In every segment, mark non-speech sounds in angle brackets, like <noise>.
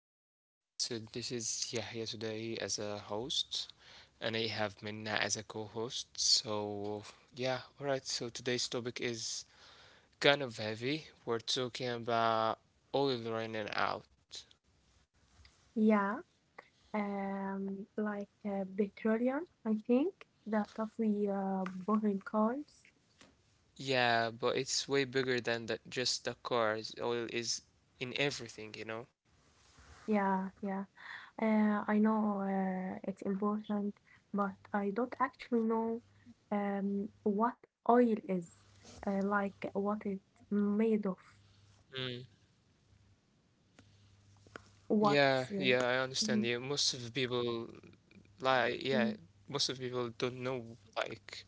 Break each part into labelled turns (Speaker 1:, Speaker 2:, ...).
Speaker 1: back to another episode. This is Yahya today as a host, and I have Minna as a co host. So today's topic is kind of heavy. We're talking about oil running out.
Speaker 2: Yeah, like petroleum, I think the stuff we bought in cars.
Speaker 1: Yeah, but it's way bigger than that, just the cars. Oil is in everything, you know?
Speaker 2: Yeah, yeah. I know it's important, but I don't actually know what oil is, like what it's made of,
Speaker 1: Mm. Yeah,
Speaker 2: what's.
Speaker 1: yeah, I understand
Speaker 2: Mhm,
Speaker 1: you. Most of the people, like, yeah,
Speaker 2: mhm,
Speaker 1: most of the people don't know, like,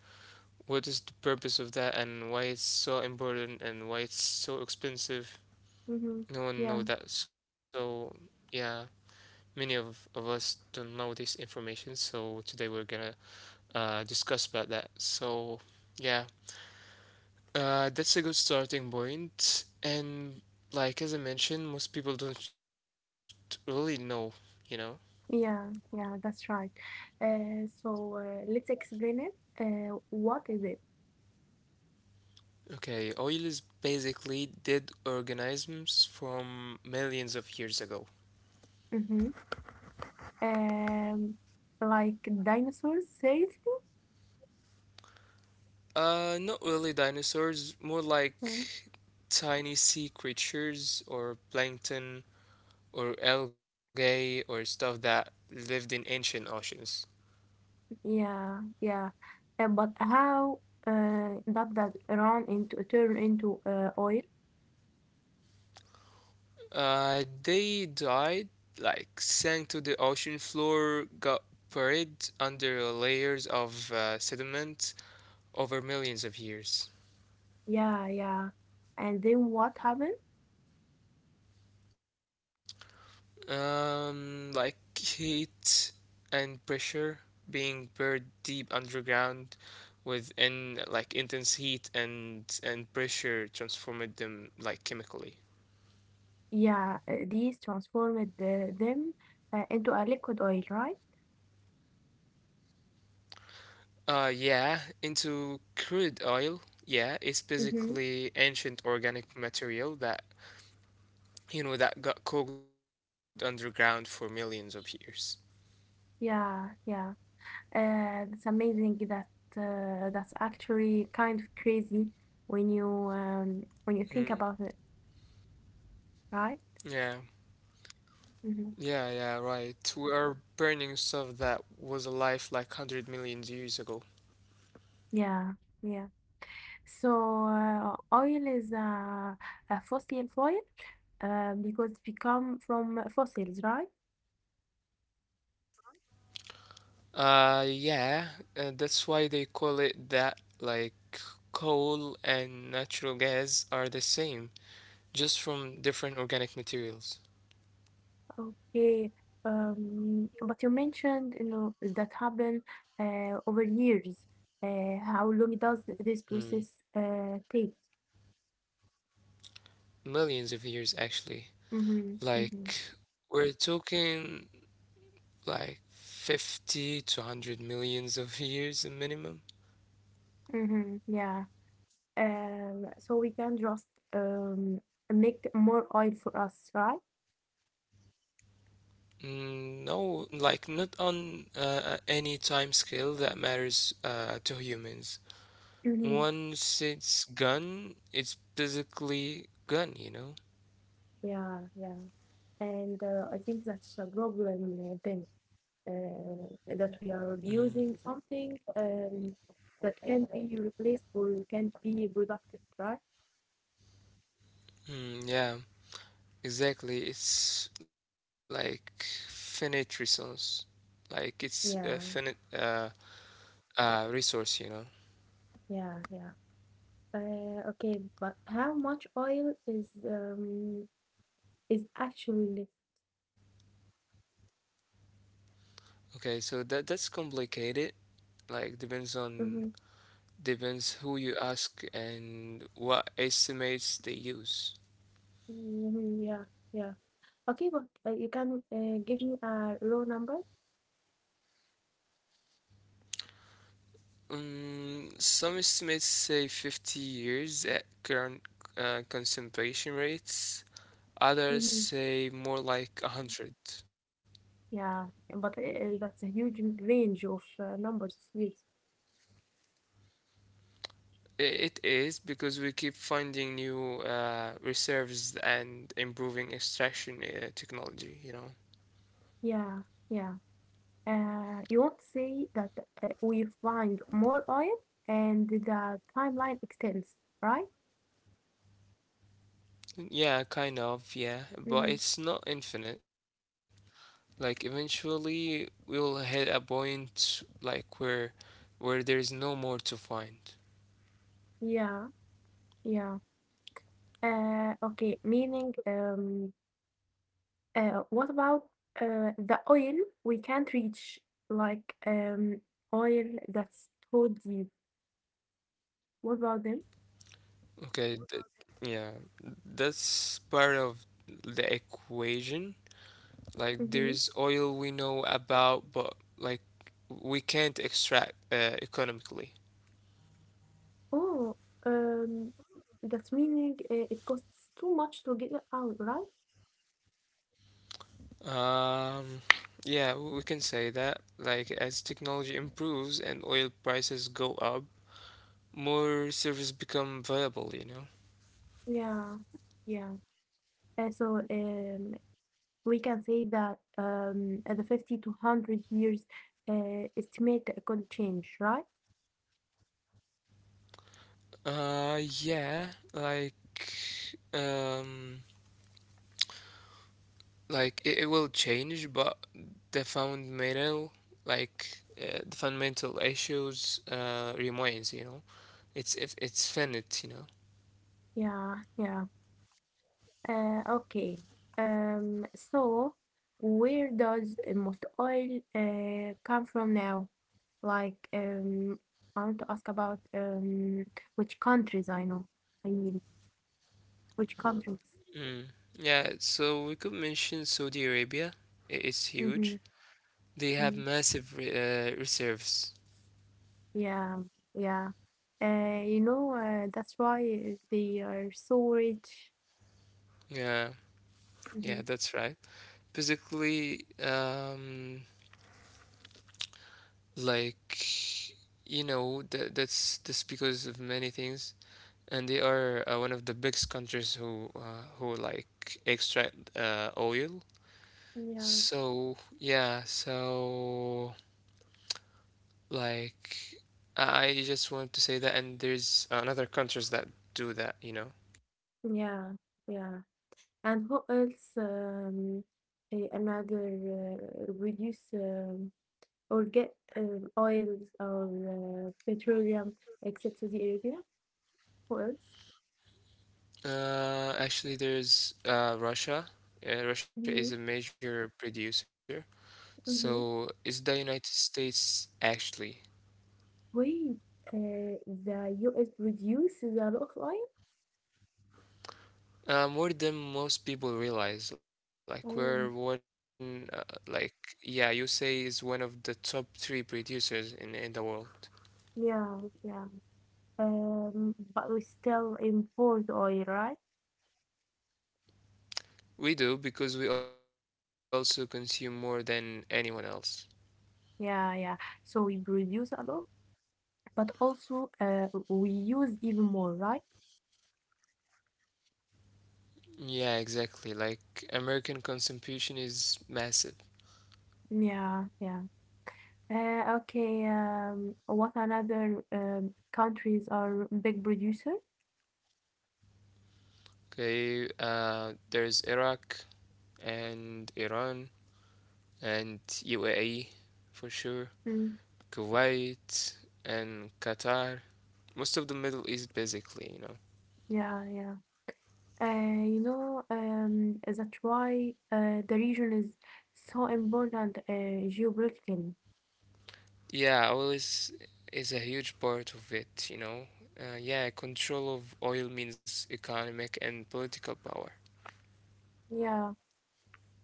Speaker 1: what is the purpose of that and why it's so important and why it's so expensive?
Speaker 2: mhm.
Speaker 1: No one know
Speaker 2: Yeah,
Speaker 1: that. So yeah, many of us don't know this information. So today we're gonna discuss about that. So yeah, that's a good starting point. And like as I mentioned, most people don't really know. You know.
Speaker 2: yeah, yeah, that's right. So let's explain it. What is it?
Speaker 1: Okay, oil is basically dead organisms from millions of years ago.
Speaker 2: Mm-hmm. Um, like dinosaurs, seriously?
Speaker 1: Not really dinosaurs, more
Speaker 2: Mm,
Speaker 1: like tiny sea creatures or plankton or algae or stuff that lived in ancient oceans.
Speaker 2: yeah, yeah. But how that that run into turn into oil?
Speaker 1: They died, like sank to the ocean floor, got buried under layers of sediment over millions of years.
Speaker 2: Yeah, yeah. And then what happened?
Speaker 1: Like heat and pressure, being buried deep underground within like intense heat and pressure transformed them like chemically.
Speaker 2: Yeah, these transformed them into a liquid oil, right?
Speaker 1: Yeah, into crude oil. Yeah, it's
Speaker 2: Mm-hmm.
Speaker 1: basically ancient organic material that you know that got cooked underground for millions of years.
Speaker 2: Yeah, yeah. That's amazing. That's actually kind of crazy when you think
Speaker 1: Mm,
Speaker 2: about it, right?
Speaker 1: yeah.
Speaker 2: Mm-hmm.
Speaker 1: Yeah, yeah, right. We are burning stuff that was alive like 100 million years ago.
Speaker 2: Yeah, yeah. So oil is a fossil fuel because we come from fossils, right?
Speaker 1: Yeah, that's why they call it that. Like, coal and natural gas are the same, just from different organic materials.
Speaker 2: Okay. But you mentioned, you know, that happened over years. How long does this
Speaker 1: Mm.
Speaker 2: process take?
Speaker 1: Millions of years, actually.
Speaker 2: Mm-hmm, mm-hmm,
Speaker 1: Like, we're talking like 50 to 100 millions of years a minimum.
Speaker 2: mm-hmm, yeah. So we can just um, make more oil for us, right?
Speaker 1: Mm, no, like, not on any time scale that matters to humans.
Speaker 2: Mm-hmm.
Speaker 1: Once it's gone, it's basically gone, you know?
Speaker 2: Yeah, yeah. And I think that's a problem then. That we are
Speaker 1: Mm.
Speaker 2: using something that can be replaced or can't be productive, right?
Speaker 1: Mm, yeah, exactly. It's like finite resource. Like it's a finite
Speaker 2: Yeah,
Speaker 1: resource, you know?
Speaker 2: yeah, yeah. Okay, but how much oil is actually left?
Speaker 1: Okay, so that's complicated. Like depends on
Speaker 2: Mm-hmm.
Speaker 1: depends who you ask and what estimates they use.
Speaker 2: Mm-hmm. Yeah, yeah. Okay, but you can give me a raw number.
Speaker 1: Some estimates say 50 years at current consumption rates. Others
Speaker 2: Mm-hmm.
Speaker 1: say more like 100.
Speaker 2: Yeah, but that's a huge range of numbers of years.
Speaker 1: It is because we keep finding new reserves and improving extraction technology, you know?
Speaker 2: Yeah, yeah. You won't say that we find more oil and the timeline extends, right?
Speaker 1: Yeah, kind of, yeah, but
Speaker 2: Mhm.
Speaker 1: it's not infinite. Like eventually we'll hit a point like where there is no more to find.
Speaker 2: Yeah, yeah. Okay, meaning, what about the oil we can't reach, like oil that's too deep? What about them?
Speaker 1: Okay, th- yeah, that's part of the equation. Like
Speaker 2: Mm-hmm.
Speaker 1: there's oil we know about, but like we can't extract economically.
Speaker 2: Oh, um, that's meaning it costs too much to get it out, right?
Speaker 1: Um, yeah, we can say that. Like, as technology improves and oil prices go up, more service become viable, you know?
Speaker 2: Yeah, yeah. So we can say that at the 50 to 100 years estimate could change, right?
Speaker 1: Yeah, like, um, like it will change, but the fundamental, like, the fundamental issues remains, you know? It's if it's finite, you know?
Speaker 2: Yeah, yeah. Okay. So where does most oil come from now? Like, I want to ask about which countries I know. I mean, which countries?
Speaker 1: Mm. Yeah, so we could mention Saudi Arabia. It's
Speaker 2: Mm-hmm.
Speaker 1: huge. They have
Speaker 2: mm
Speaker 1: massive re reserves.
Speaker 2: Yeah, yeah. You know, that's why they are so rich.
Speaker 1: Yeah, yeah,
Speaker 2: Hmm
Speaker 1: that's right. Basically, like you know, that's because of many things, and they are one of the biggest countries who like extract oil.
Speaker 2: Yeah.
Speaker 1: So yeah, so. Like, I just wanted to say that, and there's another countries that do that, you know.
Speaker 2: Yeah, yeah. And who else another reduce or get oils or petroleum except Saudi Arabia? Who else?
Speaker 1: Actually, there's Russia. Russia is a
Speaker 2: Mm-hmm,
Speaker 1: major producer. So
Speaker 2: mm-hmm.
Speaker 1: is the United States actually
Speaker 2: Wait, uh, the US produce a lot of oil?
Speaker 1: more than most people realize? Like we're
Speaker 2: Oh,
Speaker 1: one, like yeah, you say is one of the top three producers in the world.
Speaker 2: yeah, yeah. But we still import oil, right?
Speaker 1: We do because we also consume more than anyone else.
Speaker 2: Yeah, yeah. So we produce a lot, but also we use even more, right?
Speaker 1: Yeah, exactly. Like American contribution is massive.
Speaker 2: Yeah, yeah. Okay, what another countries are big producer?
Speaker 1: Okay, there's Iraq and Iran and UAE for sure,
Speaker 2: Mm,
Speaker 1: Kuwait and Qatar. Most of the Middle East, basically, you know.
Speaker 2: yeah, yeah. Uh, you know, that's why the region is so important geopolitically.
Speaker 1: Yeah, oil is a huge part of it, you know. Yeah, control of oil means economic and political power.
Speaker 2: Yeah.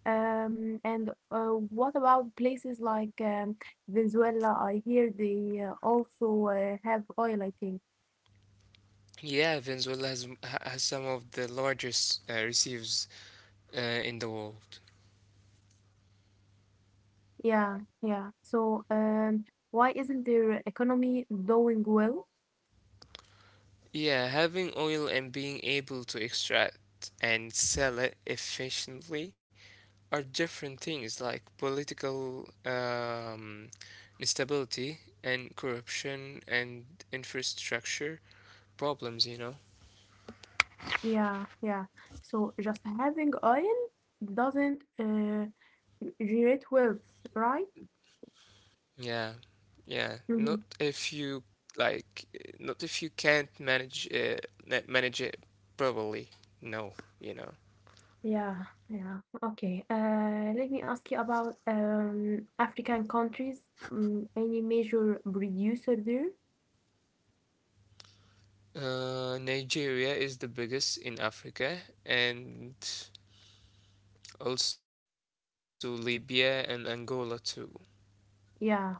Speaker 2: And what about places like Venezuela? I hear they also have oil, I think.
Speaker 1: Yeah, Venezuela has some of the largest reserves in the world.
Speaker 2: Yeah, yeah. So, why isn't their economy doing well?
Speaker 1: Yeah, having oil and being able to extract and sell it efficiently are different things, like political instability and corruption and infrastructure problems, you know?
Speaker 2: Yeah, yeah. So just having oil doesn't generate wealth, right?
Speaker 1: Yeah, yeah. Not
Speaker 2: hmm
Speaker 1: if you not if you can't manage it properly. No, you know.
Speaker 2: Yeah, yeah. Okay. Let me ask you about African countries. Mm, any major producer there?
Speaker 1: Nigeria is the biggest in Africa, and also Libya and Angola too.
Speaker 2: Yeah.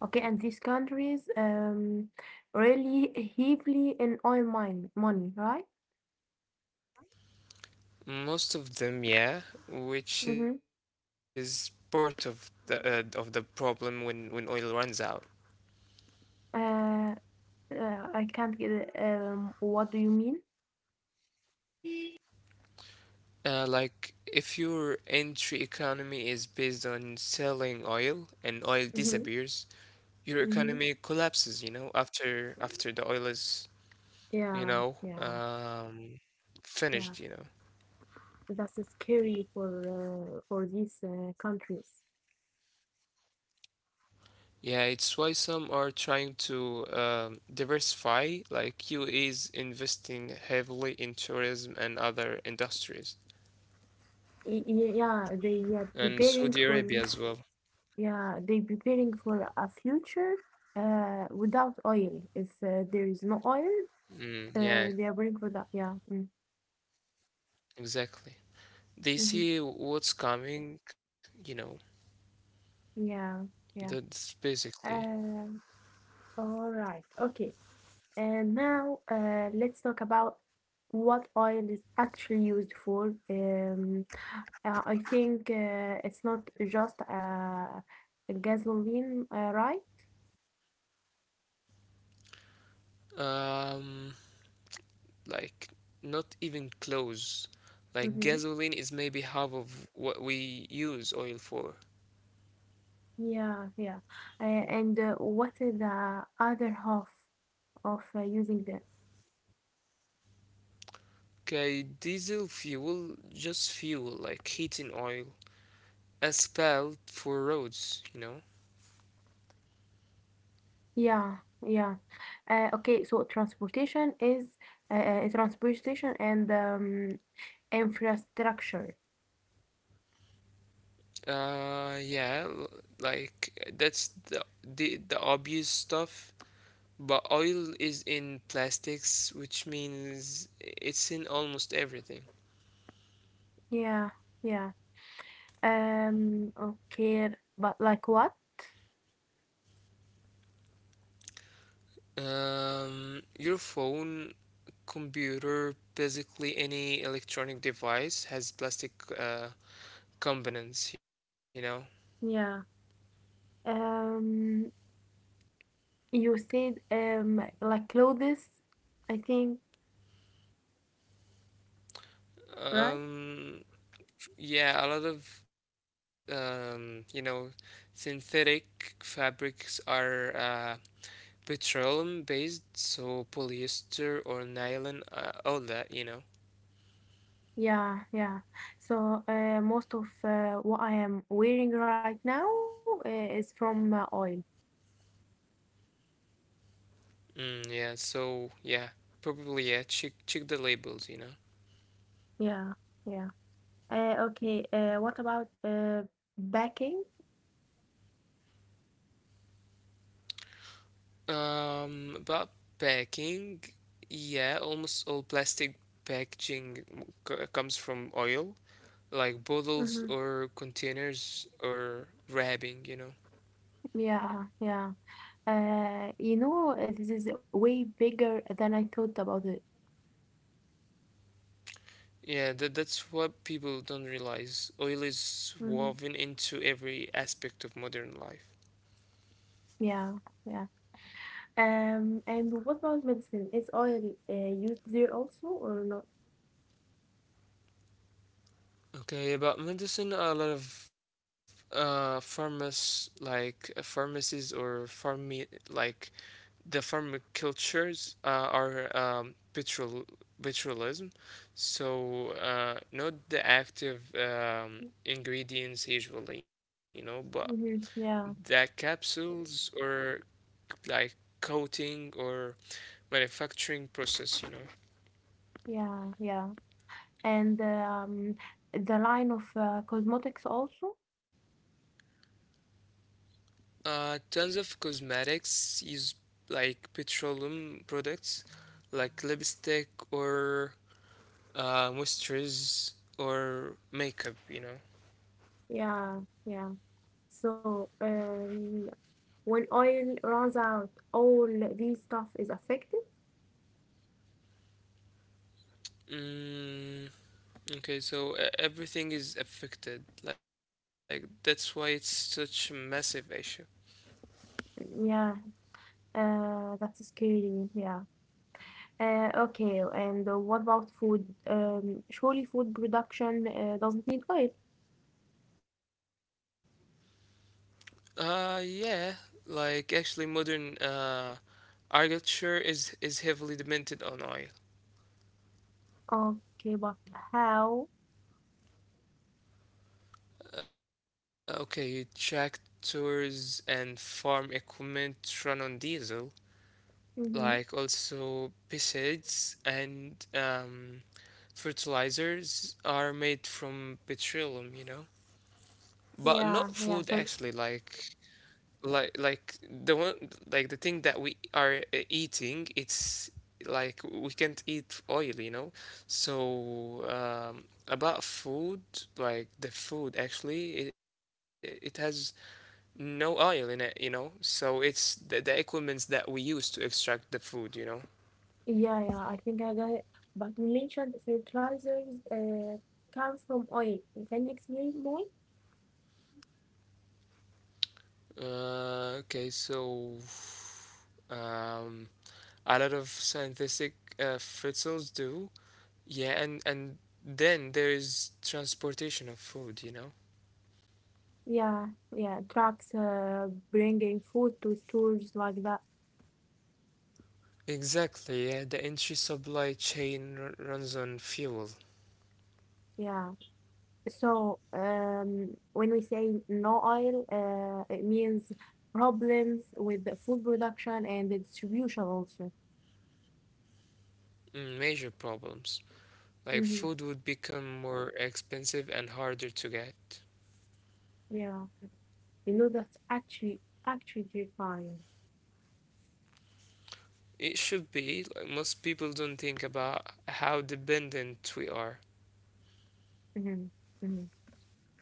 Speaker 2: Okay, and these countries really heavily in oil mine money, right?
Speaker 1: Most of them, yeah,
Speaker 2: Mm-hmm.
Speaker 1: which is part of the problem when oil runs out.
Speaker 2: Uh, I can't get it. What do you mean?
Speaker 1: Like if your entry economy is based on selling oil and oil
Speaker 2: Mm-hmm.
Speaker 1: disappears, your
Speaker 2: Mm-hmm.
Speaker 1: economy collapses. You know, after the oil is you
Speaker 2: Yeah,
Speaker 1: know
Speaker 2: yeah,
Speaker 1: um,
Speaker 2: yeah.
Speaker 1: finished. You know.
Speaker 2: That's scary for these countries.
Speaker 1: Yeah, it's why some are trying to diversify, like UAE is investing heavily in tourism and other industries,
Speaker 2: Yeah, they are
Speaker 1: and
Speaker 2: preparing
Speaker 1: Saudi
Speaker 2: for
Speaker 1: Arabia as well.
Speaker 2: yeah they preparing for a future without oil. If there is no oil,
Speaker 1: Mm, yeah,
Speaker 2: they are preparing for that. Yeah. Mm.
Speaker 1: exactly. They
Speaker 2: hmm
Speaker 1: see what's coming, you know,
Speaker 2: Yeah, yeah.
Speaker 1: that's basically
Speaker 2: Uh, all right. Okay. And now let's talk about what oil is actually used for. I think it's not just gasoline, right?
Speaker 1: um, like not even close. Like
Speaker 2: Mm-hmm.
Speaker 1: gasoline is maybe half of what we use oil for.
Speaker 2: Yeah, yeah. And what is the other half of using the?
Speaker 1: Okay, diesel fuel, just fuel, like heating oil asphalt for roads, you know?
Speaker 2: Yeah, yeah. Okay, so transportation is uh, transportation and infrastructure.
Speaker 1: Yeah, like that's the obvious stuff. But oil is in plastics, which means it's in almost everything.
Speaker 2: Yeah, yeah. Okay, but like what?
Speaker 1: Your phone, computer, basically any electronic device has plastic uh, components, you know.
Speaker 2: Yeah. Um, you said like clothes, I think. Right?
Speaker 1: Um, yeah, a lot of you know, synthetic fabrics are petroleum based, so polyester or nylon, all that, you know.
Speaker 2: Yeah, yeah. So most of what I am wearing right now is from oil.
Speaker 1: Mm, yeah, so yeah, probably yeah, check the labels, you know.
Speaker 2: Yeah, yeah. Okay. What about backing?
Speaker 1: About packing, yeah, almost all plastic packaging comes from oil, like bottles
Speaker 2: Hmm
Speaker 1: or containers or wrapping, you know.
Speaker 2: Yeah, yeah. You know, this is way bigger than I thought about it.
Speaker 1: Yeah, that's what people don't realize. Oil is
Speaker 2: Hmm
Speaker 1: woven into every aspect of modern life.
Speaker 2: Yeah, yeah. And what about medicine? Is oil used there also or not?
Speaker 1: Okay, about medicine, a lot of pharmas like pharmacies or pharma like the pharmacultures are petrol petrolism. So not the active ingredients usually, you know, but
Speaker 2: Hmm
Speaker 1: the capsules or like coating or manufacturing process, you know.
Speaker 2: Yeah, yeah. and the line of cosmetics also.
Speaker 1: Tons of cosmetics use like petroleum products, like lipstick or moisturizers or makeup, you know.
Speaker 2: Yeah, yeah. So when oil runs out, all these stuff is affected.
Speaker 1: Mm, okay, so everything is affected. Like that's why it's such a massive issue.
Speaker 2: Yeah, that's scary. Yeah. Okay, and what about food? Surely food production doesn't need oil.
Speaker 1: Yeah, like actually modern agriculture is heavily dependent on oil.
Speaker 2: Okay, but how?
Speaker 1: Okay, tractors and farm equipment run on diesel. Like
Speaker 2: Mm-hmm.
Speaker 1: also pesticides and fertilizers are made from petroleum, you know, but
Speaker 2: Yeah,
Speaker 1: not
Speaker 2: yeah. For
Speaker 1: food actually. Like the one like the thing that we are eating, it's like we can't eat oil, you know. About food, like the food actually, it has no oil in it, you know. So it's the equipments that we use to extract the food, you know.
Speaker 2: Yeah, yeah, I think I got it. But you mentioned fertilizers come from oil. Can you explain more?
Speaker 1: Okay, um, a lot of scientific fritzels do. Yeah, and then there is transportation of food, you know.
Speaker 2: Yeah, yeah, trucks bringing food to stores like that.
Speaker 1: Exactly, yeah, the entry supply chain runs on fuel.
Speaker 2: Yeah. So when we say no oil, it means problems with the food production and the distribution also.
Speaker 1: Mm, major problems. Like
Speaker 2: Mm-hmm.
Speaker 1: food would become more expensive and harder to get.
Speaker 2: Yeah. You know, that's actually terrifying.
Speaker 1: It should be, like most people don't think about how dependent we are.
Speaker 2: Mm-hmm. Mm-hmm.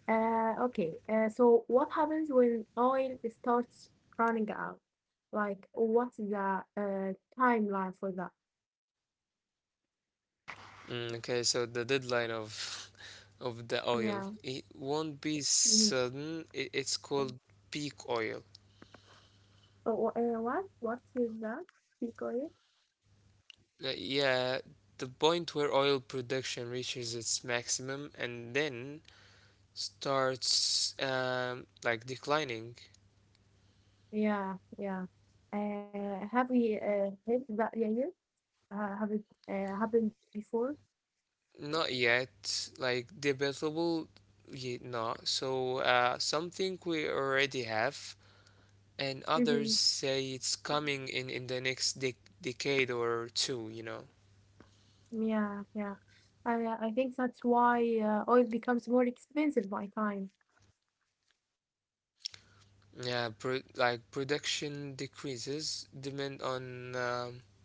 Speaker 2: Okay, so what happens when oil starts running out? Like, what's the timeline for that?
Speaker 1: Mm, okay, so the deadline of <laughs> of the
Speaker 2: Yeah.
Speaker 1: oil it won't be
Speaker 2: mhm.
Speaker 1: sudden. It's called peak oil.
Speaker 2: Oh, what? What is that? Keep going.
Speaker 1: Yeah, the point where oil production reaches its maximum and then starts declining.
Speaker 2: Yeah, yeah. Have we had that yeah, yet? Have it happened before?
Speaker 1: Not yet, like debatable. Yeah, no. So something we already have, and others
Speaker 2: Mm-hmm.
Speaker 1: say it's coming in the next decade or two. You know.
Speaker 2: Yeah, yeah. I think that's why oil becomes more expensive by time.
Speaker 1: Yeah, like production decreases, demand on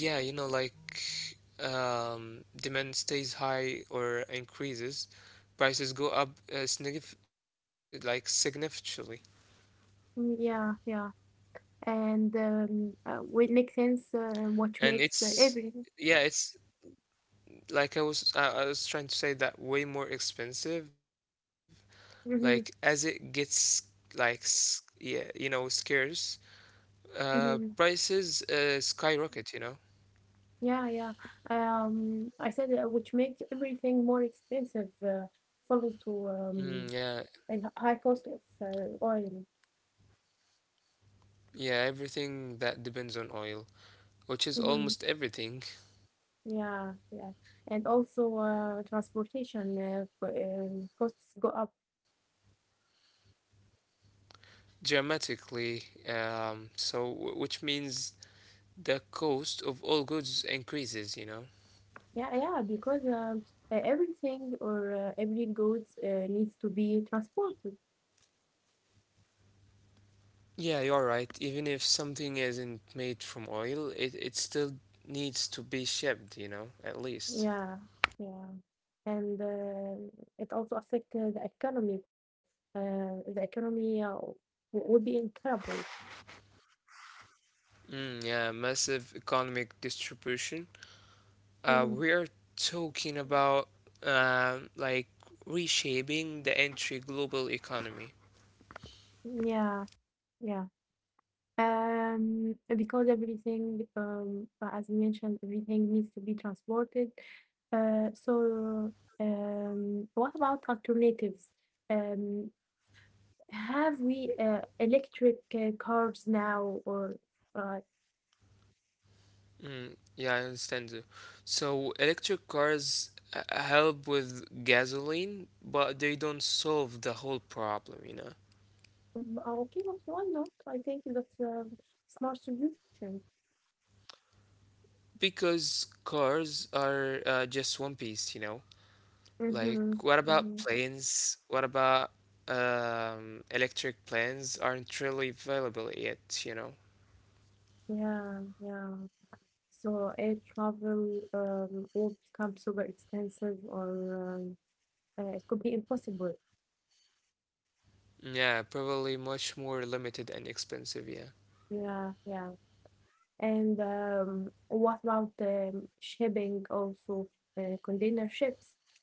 Speaker 1: yeah, you know, like demand stays high or increases, prices go up like significantly,
Speaker 2: Mm, yeah, yeah. and what makes sense, what
Speaker 1: and
Speaker 2: makes
Speaker 1: it's
Speaker 2: everything.
Speaker 1: yeah, it's like I was trying to say that way more expensive. Like as it
Speaker 2: Hmm
Speaker 1: gets scarce,
Speaker 2: hmm
Speaker 1: prices skyrocket. You know.
Speaker 2: Yeah, yeah. I said which makes everything more expensive, follows to
Speaker 1: Mm, yeah.
Speaker 2: and high cost of oil.
Speaker 1: Yeah, everything that depends on oil, which is
Speaker 2: Hmm
Speaker 1: almost everything,
Speaker 2: Yeah, yeah. And also transportation costs go up.
Speaker 1: dramatically. So, which means the cost of all goods increases, you know?
Speaker 2: Yeah, yeah, because everything or every goods needs to be transported.
Speaker 1: Yeah, you're right. Even if something isn't made from oil, it still needs to be shipped, you know, at least.
Speaker 2: Yeah, yeah, and it also affect the economy. The economy would be in trouble.
Speaker 1: Mm, yeah, massive economic distribution.
Speaker 2: Mhm.
Speaker 1: We're talking about um like reshaping the entire global economy.
Speaker 2: Yeah, yeah. Because everything, as you mentioned, everything needs to be transported. So, what about alternatives? Um, have we electric cars now, or uh,
Speaker 1: Mm, yeah, I understand you. So electric cars help with gasoline, but they don't solve the whole problem, you know?
Speaker 2: Mm, okay, wh why not? I think that's a smart solution.
Speaker 1: Because cars are just one piece, you know?
Speaker 2: Mm-hmm.
Speaker 1: Like,
Speaker 2: Mm-hmm.
Speaker 1: what about planes? What about electric planes aren't really available yet, you know?
Speaker 2: Yeah, yeah. So air travel will become super expensive or um, it could be impossible.
Speaker 1: Yeah, probably much more limited and expensive, yeah.
Speaker 2: Yeah, yeah. And what about shipping also, container ships?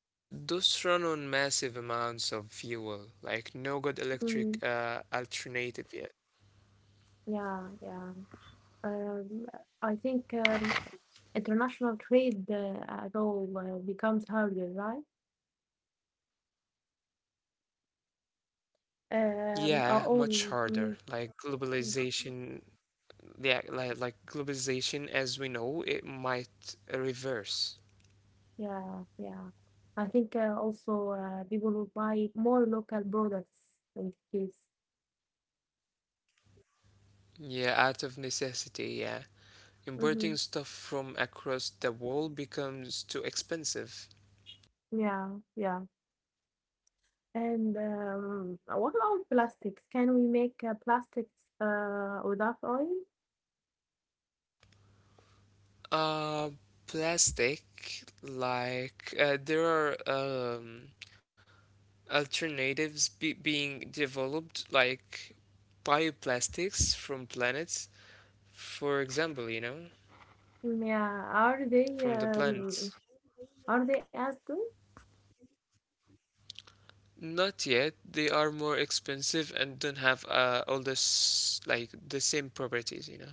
Speaker 1: Those run on massive amounts of fuel, like no good
Speaker 2: Mm,
Speaker 1: electric alternative yet.
Speaker 2: yeah, yeah. Um, I think international trade at all becomes harder, right?
Speaker 1: Yeah, much
Speaker 2: All mm,
Speaker 1: harder.
Speaker 2: mm,
Speaker 1: Like
Speaker 2: mm,
Speaker 1: globalization, yeah, like, like globalization as we know, it might reverse.
Speaker 2: yeah, yeah. I think also people will buy more local products in this
Speaker 1: Yeah, out of necessity, yeah.
Speaker 2: Mm-hmm.
Speaker 1: Importing stuff from across the world becomes too expensive.
Speaker 2: Yeah, yeah. And what about plastics? Can we make plastics without oil?
Speaker 1: Uh, plastic, like there are alternatives being developed, like bioplastics from planets, for example, you know,
Speaker 2: Mm, yeah.
Speaker 1: from the planets.
Speaker 2: Are they as good?
Speaker 1: Not yet. They are more expensive and don't have all this like the same properties, you know.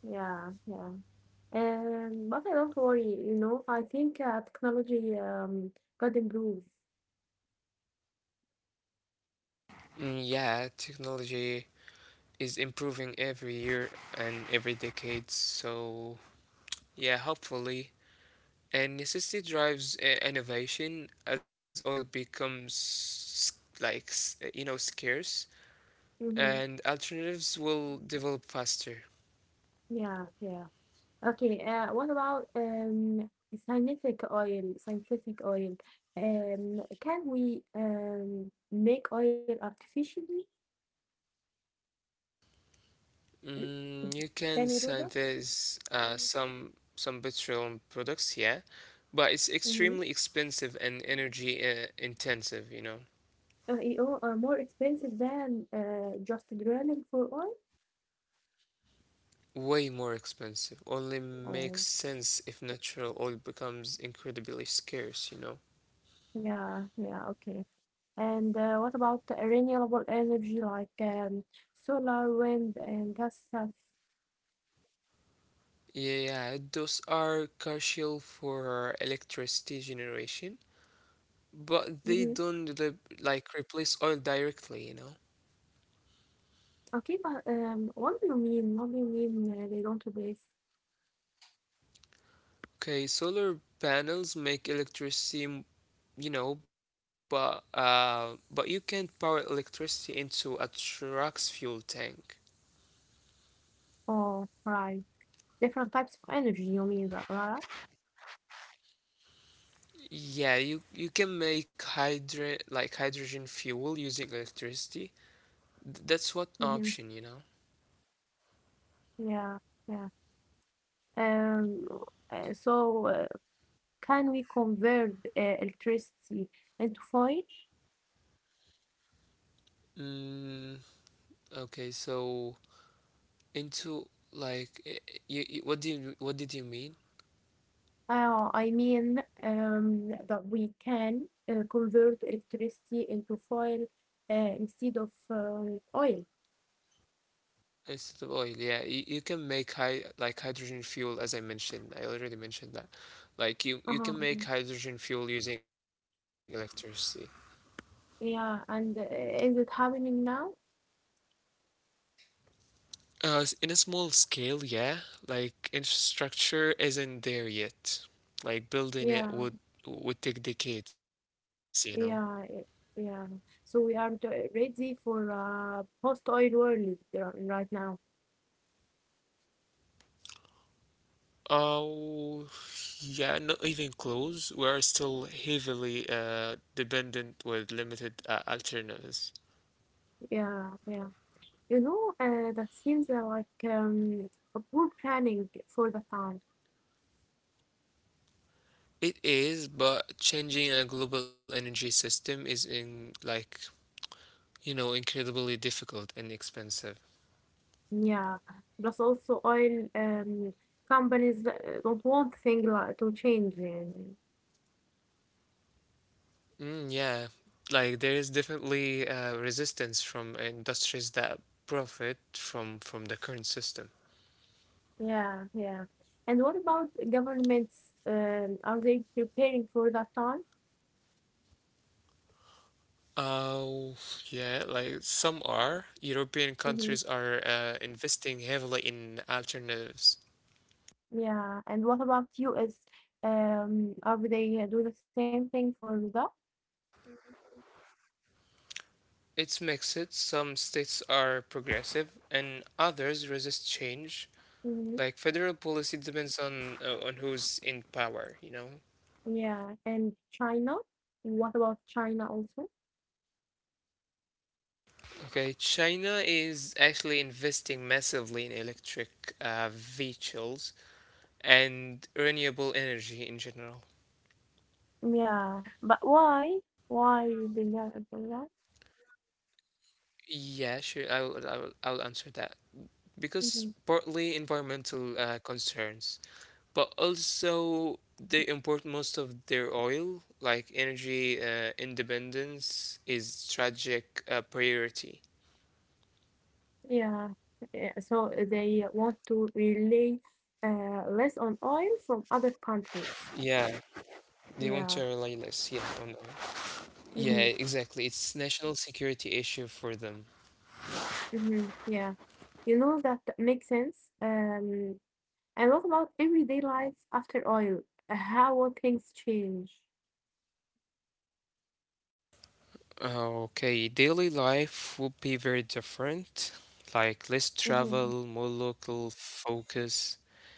Speaker 2: Yeah, yeah. But I don't worry. You know, I think technology could improve.
Speaker 1: Mm, yeah, technology is improving every year and every decade, so yeah, hopefully. And necessity drives innovation as oil becomes you know scarce
Speaker 2: Mm-hmm.
Speaker 1: and alternatives will develop faster.
Speaker 2: Yeah, yeah. Okay, what about scientific oil? Scientific oil. Can we make oil artificially?
Speaker 1: Mm,
Speaker 2: <clears throat>
Speaker 1: you
Speaker 2: Can we do
Speaker 1: can
Speaker 2: that?
Speaker 1: synthesize some petroleum products, yeah, but it's
Speaker 2: Mm-hmm.
Speaker 1: extremely expensive and energy intensive. You know,
Speaker 2: You know, more expensive than just drilling for oil?
Speaker 1: way more expensive. Only makes
Speaker 2: Oh,
Speaker 1: sense if natural oil becomes incredibly scarce. You know.
Speaker 2: yeah, yeah, okay. And what about the renewable energy like solar, wind, and that stuff?
Speaker 1: Yeah, those are crucial for electricity generation, but they
Speaker 2: Hmm
Speaker 1: don't replace oil directly. You know.
Speaker 2: Okay, but what do you mean? What do you mean they don't replace?
Speaker 1: Okay, solar panels make electricity, you know, but you can't power electricity into a truck's fuel tank.
Speaker 2: Oh, right. different types of energy, you mean, but right?
Speaker 1: Yeah, you can make hydrogen fuel using electricity. That's what
Speaker 2: Mm-hmm.
Speaker 1: option, you know.
Speaker 2: Yeah, yeah. Um, so can we convert electricity into fire?
Speaker 1: Mm, okay, so into like you what do you what did you mean?
Speaker 2: I mean, that we can convert electricity into fire instead of oil.
Speaker 1: Instead of oil, yeah. You can make high like hydrogen fuel, as I mentioned. I already mentioned that. Like you
Speaker 2: Uh-huh.
Speaker 1: can
Speaker 2: uh-huh.
Speaker 1: make hydrogen fuel using electricity.
Speaker 2: Yeah, and is it happening now?
Speaker 1: In a small scale, yeah. Like infrastructure isn't there yet. Like building
Speaker 2: Yeah,
Speaker 1: it would take decades, you know.
Speaker 2: yeah, it- yeah. So we are ready for a post-oil world right now.
Speaker 1: Oh, yeah, not even close. We are still heavily dependent with limited alternatives.
Speaker 2: Yeah, yeah. You know, that seems like a poor planning for the time.
Speaker 1: It is, but changing a global energy system is you know, incredibly difficult and expensive.
Speaker 2: Yeah. Plus also oil companies don't want things like to change. يعني.
Speaker 1: Mm, yeah. Like there is definitely resistance from industries that profit from the current system.
Speaker 2: Yeah, yeah. And what about governments? Are they preparing for that time?
Speaker 1: Oh, yeah, like some are. European
Speaker 2: Mm-hmm.
Speaker 1: countries are investing heavily in alternatives.
Speaker 2: Yeah. And what about US? Are they do the same thing for that?
Speaker 1: It's mixed. Some states are progressive and others resist change. Like
Speaker 2: Mm-hmm.
Speaker 1: federal policy depends on who's in power, you know.
Speaker 2: Yeah. And China? What about China also?
Speaker 1: Okay, China is actually investing massively in electric vehicles and renewable energy in general.
Speaker 2: Yeah, but why? Why they are do that?
Speaker 1: Yeah, sure. I'll answer that because
Speaker 2: Mhm.
Speaker 1: partly environmental concerns, but also they import most of their oil. Like energy independence is tragic priority.
Speaker 2: Yeah. Yeah, so they want to rely less on oil from other countries.
Speaker 1: Yeah, they want to
Speaker 2: Yeah.
Speaker 1: rely less, yeah, on the- yeah,
Speaker 2: Mm-hmm.
Speaker 1: exactly. It's national security issue for them.
Speaker 2: Mm-hmm. Yeah. You know that makes sense. And what about everyday life after oil? How will things change?
Speaker 1: Okay, daily life would be very different. Like less travel,
Speaker 2: Mm-hmm.
Speaker 1: more local focus,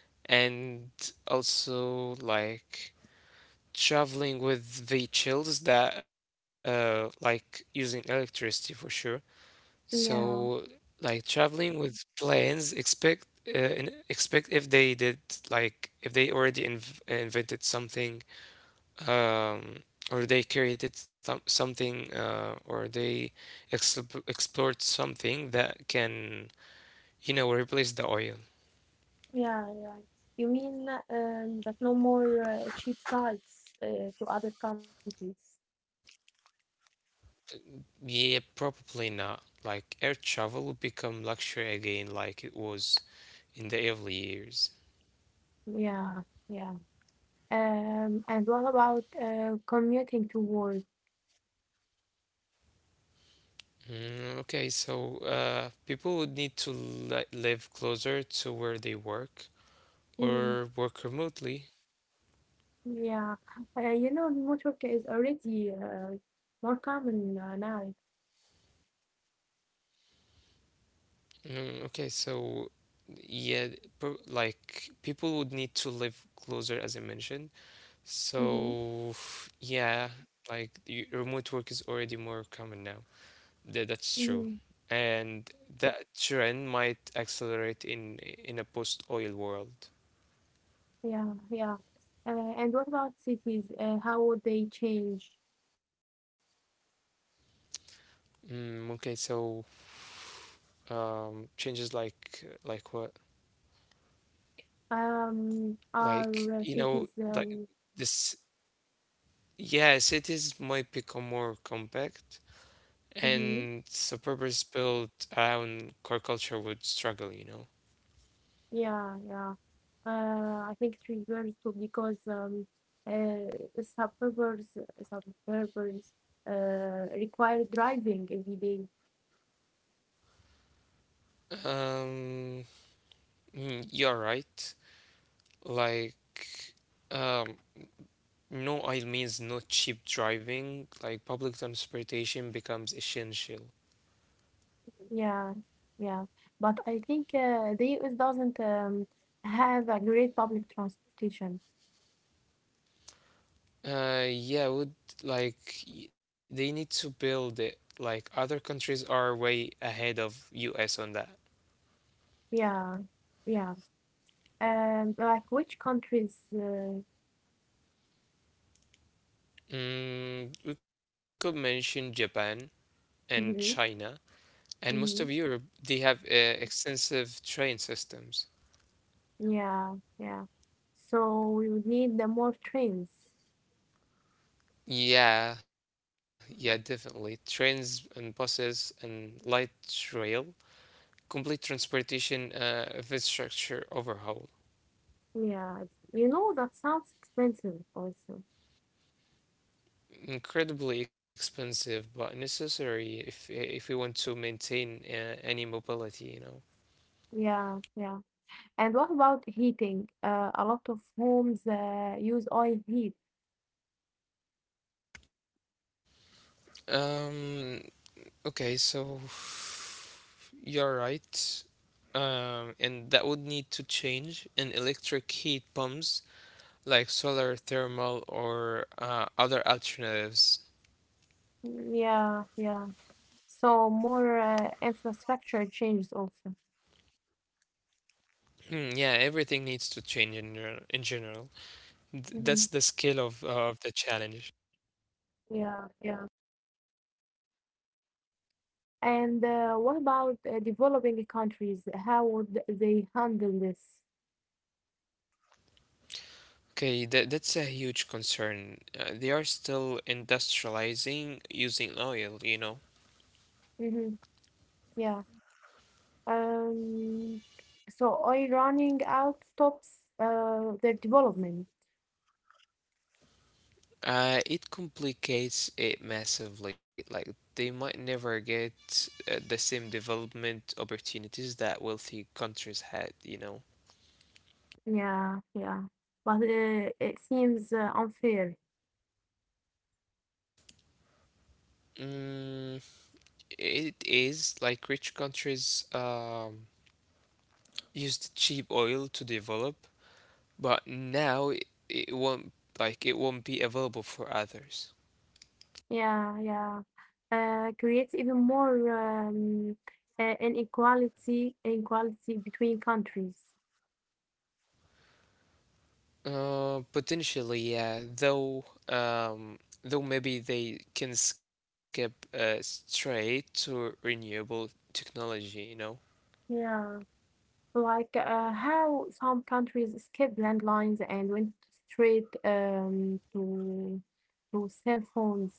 Speaker 1: and also like traveling with vehicles that using electricity for sure. So,
Speaker 2: Yeah.
Speaker 1: like traveling with planes, expect if they did like if they already invented something, um, or they created something, or they explored something that can, you know, replace the oil.
Speaker 2: Yeah. Yeah. You mean that no more cheap flights to other countries?
Speaker 1: Yeah, probably not. Like air travel will become luxury again, like it was in the early years.
Speaker 2: Yeah. Yeah. And what about commuting to work?
Speaker 1: Mm, okay, so people would need to li live closer to where they work
Speaker 2: Mhm.
Speaker 1: or work remotely.
Speaker 2: Yeah, you know, remote work is already more common now.
Speaker 1: Mm, okay, so yeah, pro like people would need to live closer, as I mentioned. So
Speaker 2: Mm-hmm.
Speaker 1: yeah, remote work is already more common now. That's true.
Speaker 2: Mm-hmm.
Speaker 1: And that trend might accelerate in a post-oil world.
Speaker 2: Yeah, yeah. Uh, and what about cities? How would they change?
Speaker 1: Mm, okay, so um, changes what like
Speaker 2: Are
Speaker 1: you
Speaker 2: cities?
Speaker 1: know like this. Yes, cities might become more compact
Speaker 2: Mm-hmm.
Speaker 1: and suburbs built around core culture would struggle, you know.
Speaker 2: Yeah, yeah. I think it refers to because uh, suburbs, suburbs uh, require driving every day
Speaker 1: Um, mm, you're right, like, um, no, I means no cheap driving, like public transportation becomes essential.
Speaker 2: Yeah, yeah. But I think the US doesn't have a great public transportation.
Speaker 1: Yeah, would they need to build it. Like other countries are way ahead of US on that.
Speaker 2: Yeah, yeah. Like which countries?
Speaker 1: Mm, we could mention Japan and
Speaker 2: Hmm
Speaker 1: China and most
Speaker 2: hmm
Speaker 1: of Europe. They have extensive train systems.
Speaker 2: Yeah, yeah. So we would need the more trains.
Speaker 1: Yeah, yeah, definitely. Trains and buses and light rail, complete transportation infrastructure overhaul.
Speaker 2: Yeah, you know, that sounds expensive also.
Speaker 1: Incredibly expensive but necessary if we want to maintain any mobility, you know.
Speaker 2: Yeah, yeah. And what about heating? A lot of homes use oil heat.
Speaker 1: Um, okay, so <sighs> you're right. Um, and that would need to change, and electric heat pumps like solar thermal or other alternatives.
Speaker 2: Mm, yeah, yeah. So more infrastructure changes also.
Speaker 1: Hmm, yeah, everything needs to change in general.
Speaker 2: Hmm
Speaker 1: That's the scale of the challenge.
Speaker 2: Yeah, yeah. And what about developing countries? How would they handle this?
Speaker 1: Okay, that's a huge concern. They are still industrializing using oil, you know.
Speaker 2: Hmm Yeah. Um, so oil running out stops their development.
Speaker 1: It complicates it massively. Like they might never get the same development opportunities that wealthy countries had, you know.
Speaker 2: Yeah, yeah. But it seems unfair.
Speaker 1: Mm, it is. Like rich countries used cheap oil to develop, but now it won't, like it won't be available for others.
Speaker 2: Yeah, yeah. Creates even more um, inequality between countries.
Speaker 1: Potentially, yeah. Though maybe they can skip straight to renewable technology, you know?
Speaker 2: Yeah. Like how some countries skip landlines and went straight to cell phones.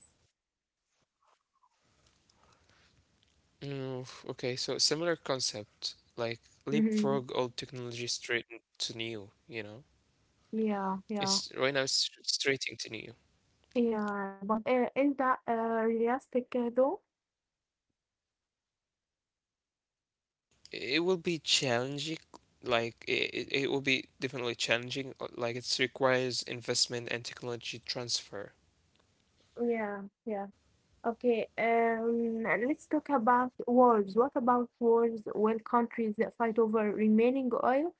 Speaker 1: Mm, okay, so similar concept, like
Speaker 2: Hmm
Speaker 1: leapfrog old technology straight to new, you know?
Speaker 2: Yeah, yeah,
Speaker 1: It's right now it's straight into new.
Speaker 2: yeah. But is that realistic though?
Speaker 1: It will be challenging, like it will be definitely challenging, like it requires investment and technology transfer.
Speaker 2: Yeah, yeah. Okay. Let's talk about wars. What about wars when countries that fight over remaining oil?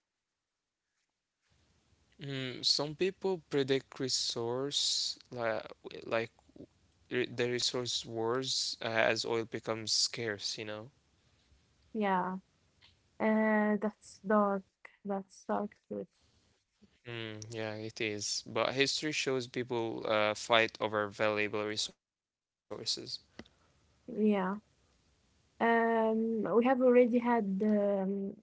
Speaker 1: Mm, some people predict resource like re- the resource wars as oil becomes scarce, you know.
Speaker 2: Yeah. Uh, that's dark. That's dark truth.
Speaker 1: Mm, yeah, it is. But history shows people fight over valuable resources.
Speaker 2: Yeah. We have already had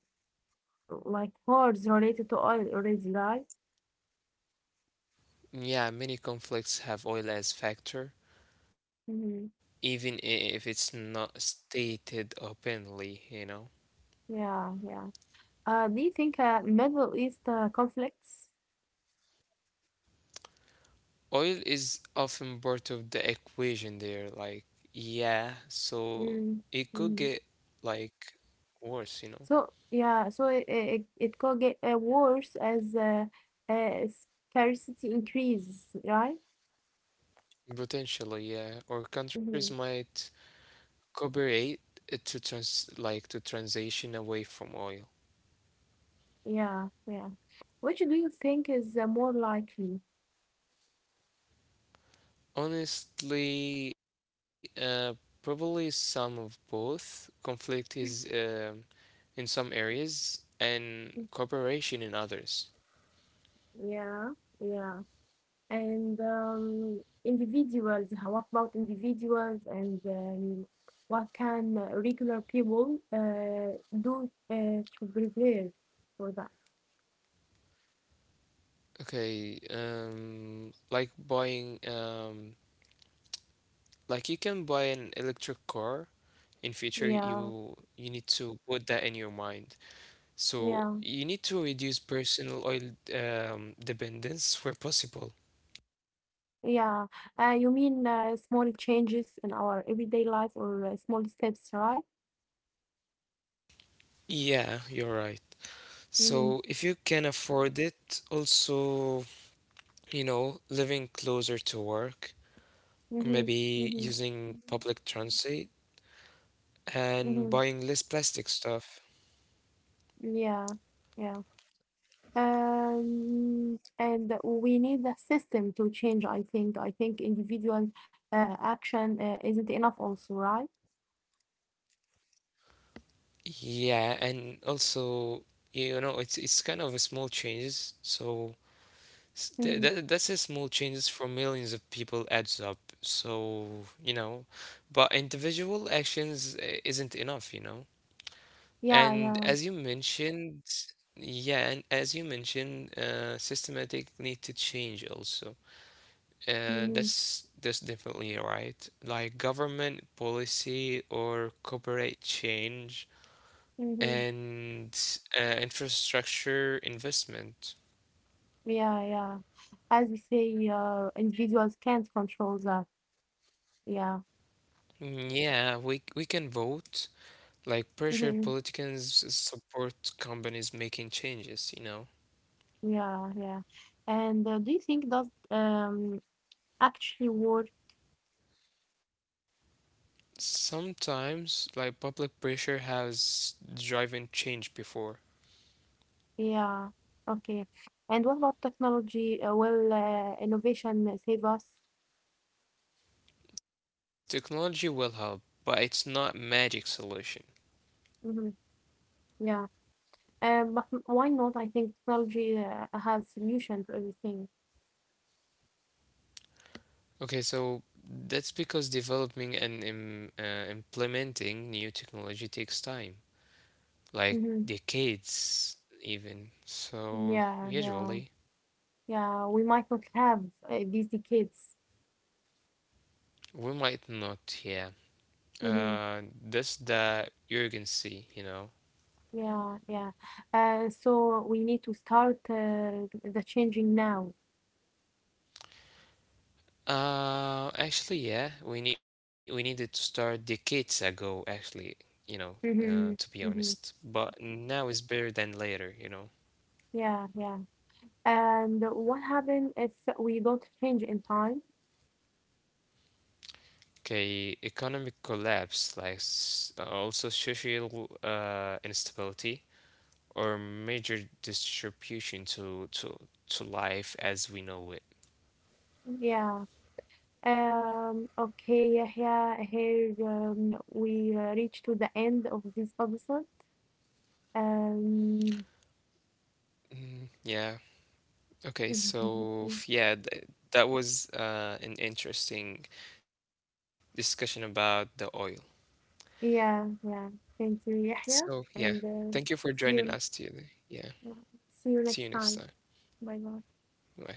Speaker 2: like words related to oil already, right?
Speaker 1: Yeah, many conflicts have oil as factor, even i-
Speaker 2: Mm-hmm.
Speaker 1: if it's not stated openly, you know.
Speaker 2: Yeah, yeah. Do you think Middle East conflicts?
Speaker 1: Oil is often part of the equation there, like, yeah, so it could get
Speaker 2: Mm-hmm.
Speaker 1: like worse, you know.
Speaker 2: So yeah, so it could get worse as uh, scarcity increases, right?
Speaker 1: Potentially, yeah. Or countries
Speaker 2: Mm-hmm.
Speaker 1: might cooperate to trans like to transition away from oil.
Speaker 2: Yeah, yeah. Which do you think is more likely?
Speaker 1: Honestly, probably some of both. Conflict is um, in some areas and cooperation in others.
Speaker 2: Yeah. Yeah. And individuals, what about individuals and what can regular people do to prepare for that?
Speaker 1: Okay, like buying, like you can buy an electric car. In future,
Speaker 2: Yeah,
Speaker 1: you need to put that in your mind. So
Speaker 2: yeah,
Speaker 1: you need to reduce personal oil dependence where possible.
Speaker 2: yeah. You mean small changes in our everyday life or small steps, right?
Speaker 1: Yeah, you're right.
Speaker 2: Mm-hmm,
Speaker 1: So if you can afford it, also, you know, living closer to work, or
Speaker 2: mm-hmm,
Speaker 1: maybe
Speaker 2: mm-hmm,
Speaker 1: using public transit and
Speaker 2: mm-hmm.
Speaker 1: buying less plastic stuff.
Speaker 2: Yeah, yeah. And we need a system to change, I think. I think individual action isn't enough also, right?
Speaker 1: Yeah, and also, you know, it's kind of a small changes. So S- tha- tha-
Speaker 2: Mm-hmm.
Speaker 1: That's a small changes for millions of people adds up. So, you know, but individual actions isn't enough, you know.
Speaker 2: Yeah,
Speaker 1: And
Speaker 2: yeah.
Speaker 1: as you mentioned, yeah, and as you mentioned, systematic need to change also.
Speaker 2: Mm-hmm.
Speaker 1: That's definitely right. Like government policy or corporate change
Speaker 2: Mm-hmm.
Speaker 1: and infrastructure investment.
Speaker 2: Yeah, yeah. As we say, individuals can't control that. Yeah.
Speaker 1: Mm, yeah, we can vote, like pressure
Speaker 2: Mm-hmm.
Speaker 1: politicians, support companies making changes, you know.
Speaker 2: Yeah, yeah. And do you think that actually work?
Speaker 1: Sometimes, like public pressure has driven change before.
Speaker 2: Yeah. Okay. And what about technology? Will innovation save us?
Speaker 1: Technology will help, but it's not magic solution.
Speaker 2: Mm-hmm. Yeah. But why not? I think technology has solution to everything.
Speaker 1: Okay, so that's because developing and implementing new technology takes time, like
Speaker 2: Mm-hmm.
Speaker 1: decades even, so
Speaker 2: Yeah, yeah,
Speaker 1: usually
Speaker 2: yeah. We might not have these decades.
Speaker 1: we might not, yeah,
Speaker 2: Mm-hmm.
Speaker 1: uh, that's the urgency, you know.
Speaker 2: Yeah, yeah. So we need to start the changing now.
Speaker 1: Actually, yeah, we needed to start decades ago, actually, you know, to be
Speaker 2: Mm-hmm.
Speaker 1: honest.
Speaker 2: Mm-hmm.
Speaker 1: But now is better than later, you know.
Speaker 2: Yeah, yeah. And what happens if we don't change in time?
Speaker 1: Okay, economic collapse, like also social instability or major distribution to life as we know it.
Speaker 2: Yeah. Okay, here we reach to the end of this episode. Um,
Speaker 1: Mm, yeah. Okay. So
Speaker 2: <laughs>
Speaker 1: yeah, th that was an interesting discussion about the oil.
Speaker 2: Yeah, yeah. Thank you,
Speaker 1: So, yeah,
Speaker 2: Yahya, and
Speaker 1: thank you for joining us
Speaker 2: see you,
Speaker 1: today. Yeah,
Speaker 2: see
Speaker 1: see
Speaker 2: you
Speaker 1: you
Speaker 2: next
Speaker 1: next time.
Speaker 2: time. Bye bye.
Speaker 1: Bye.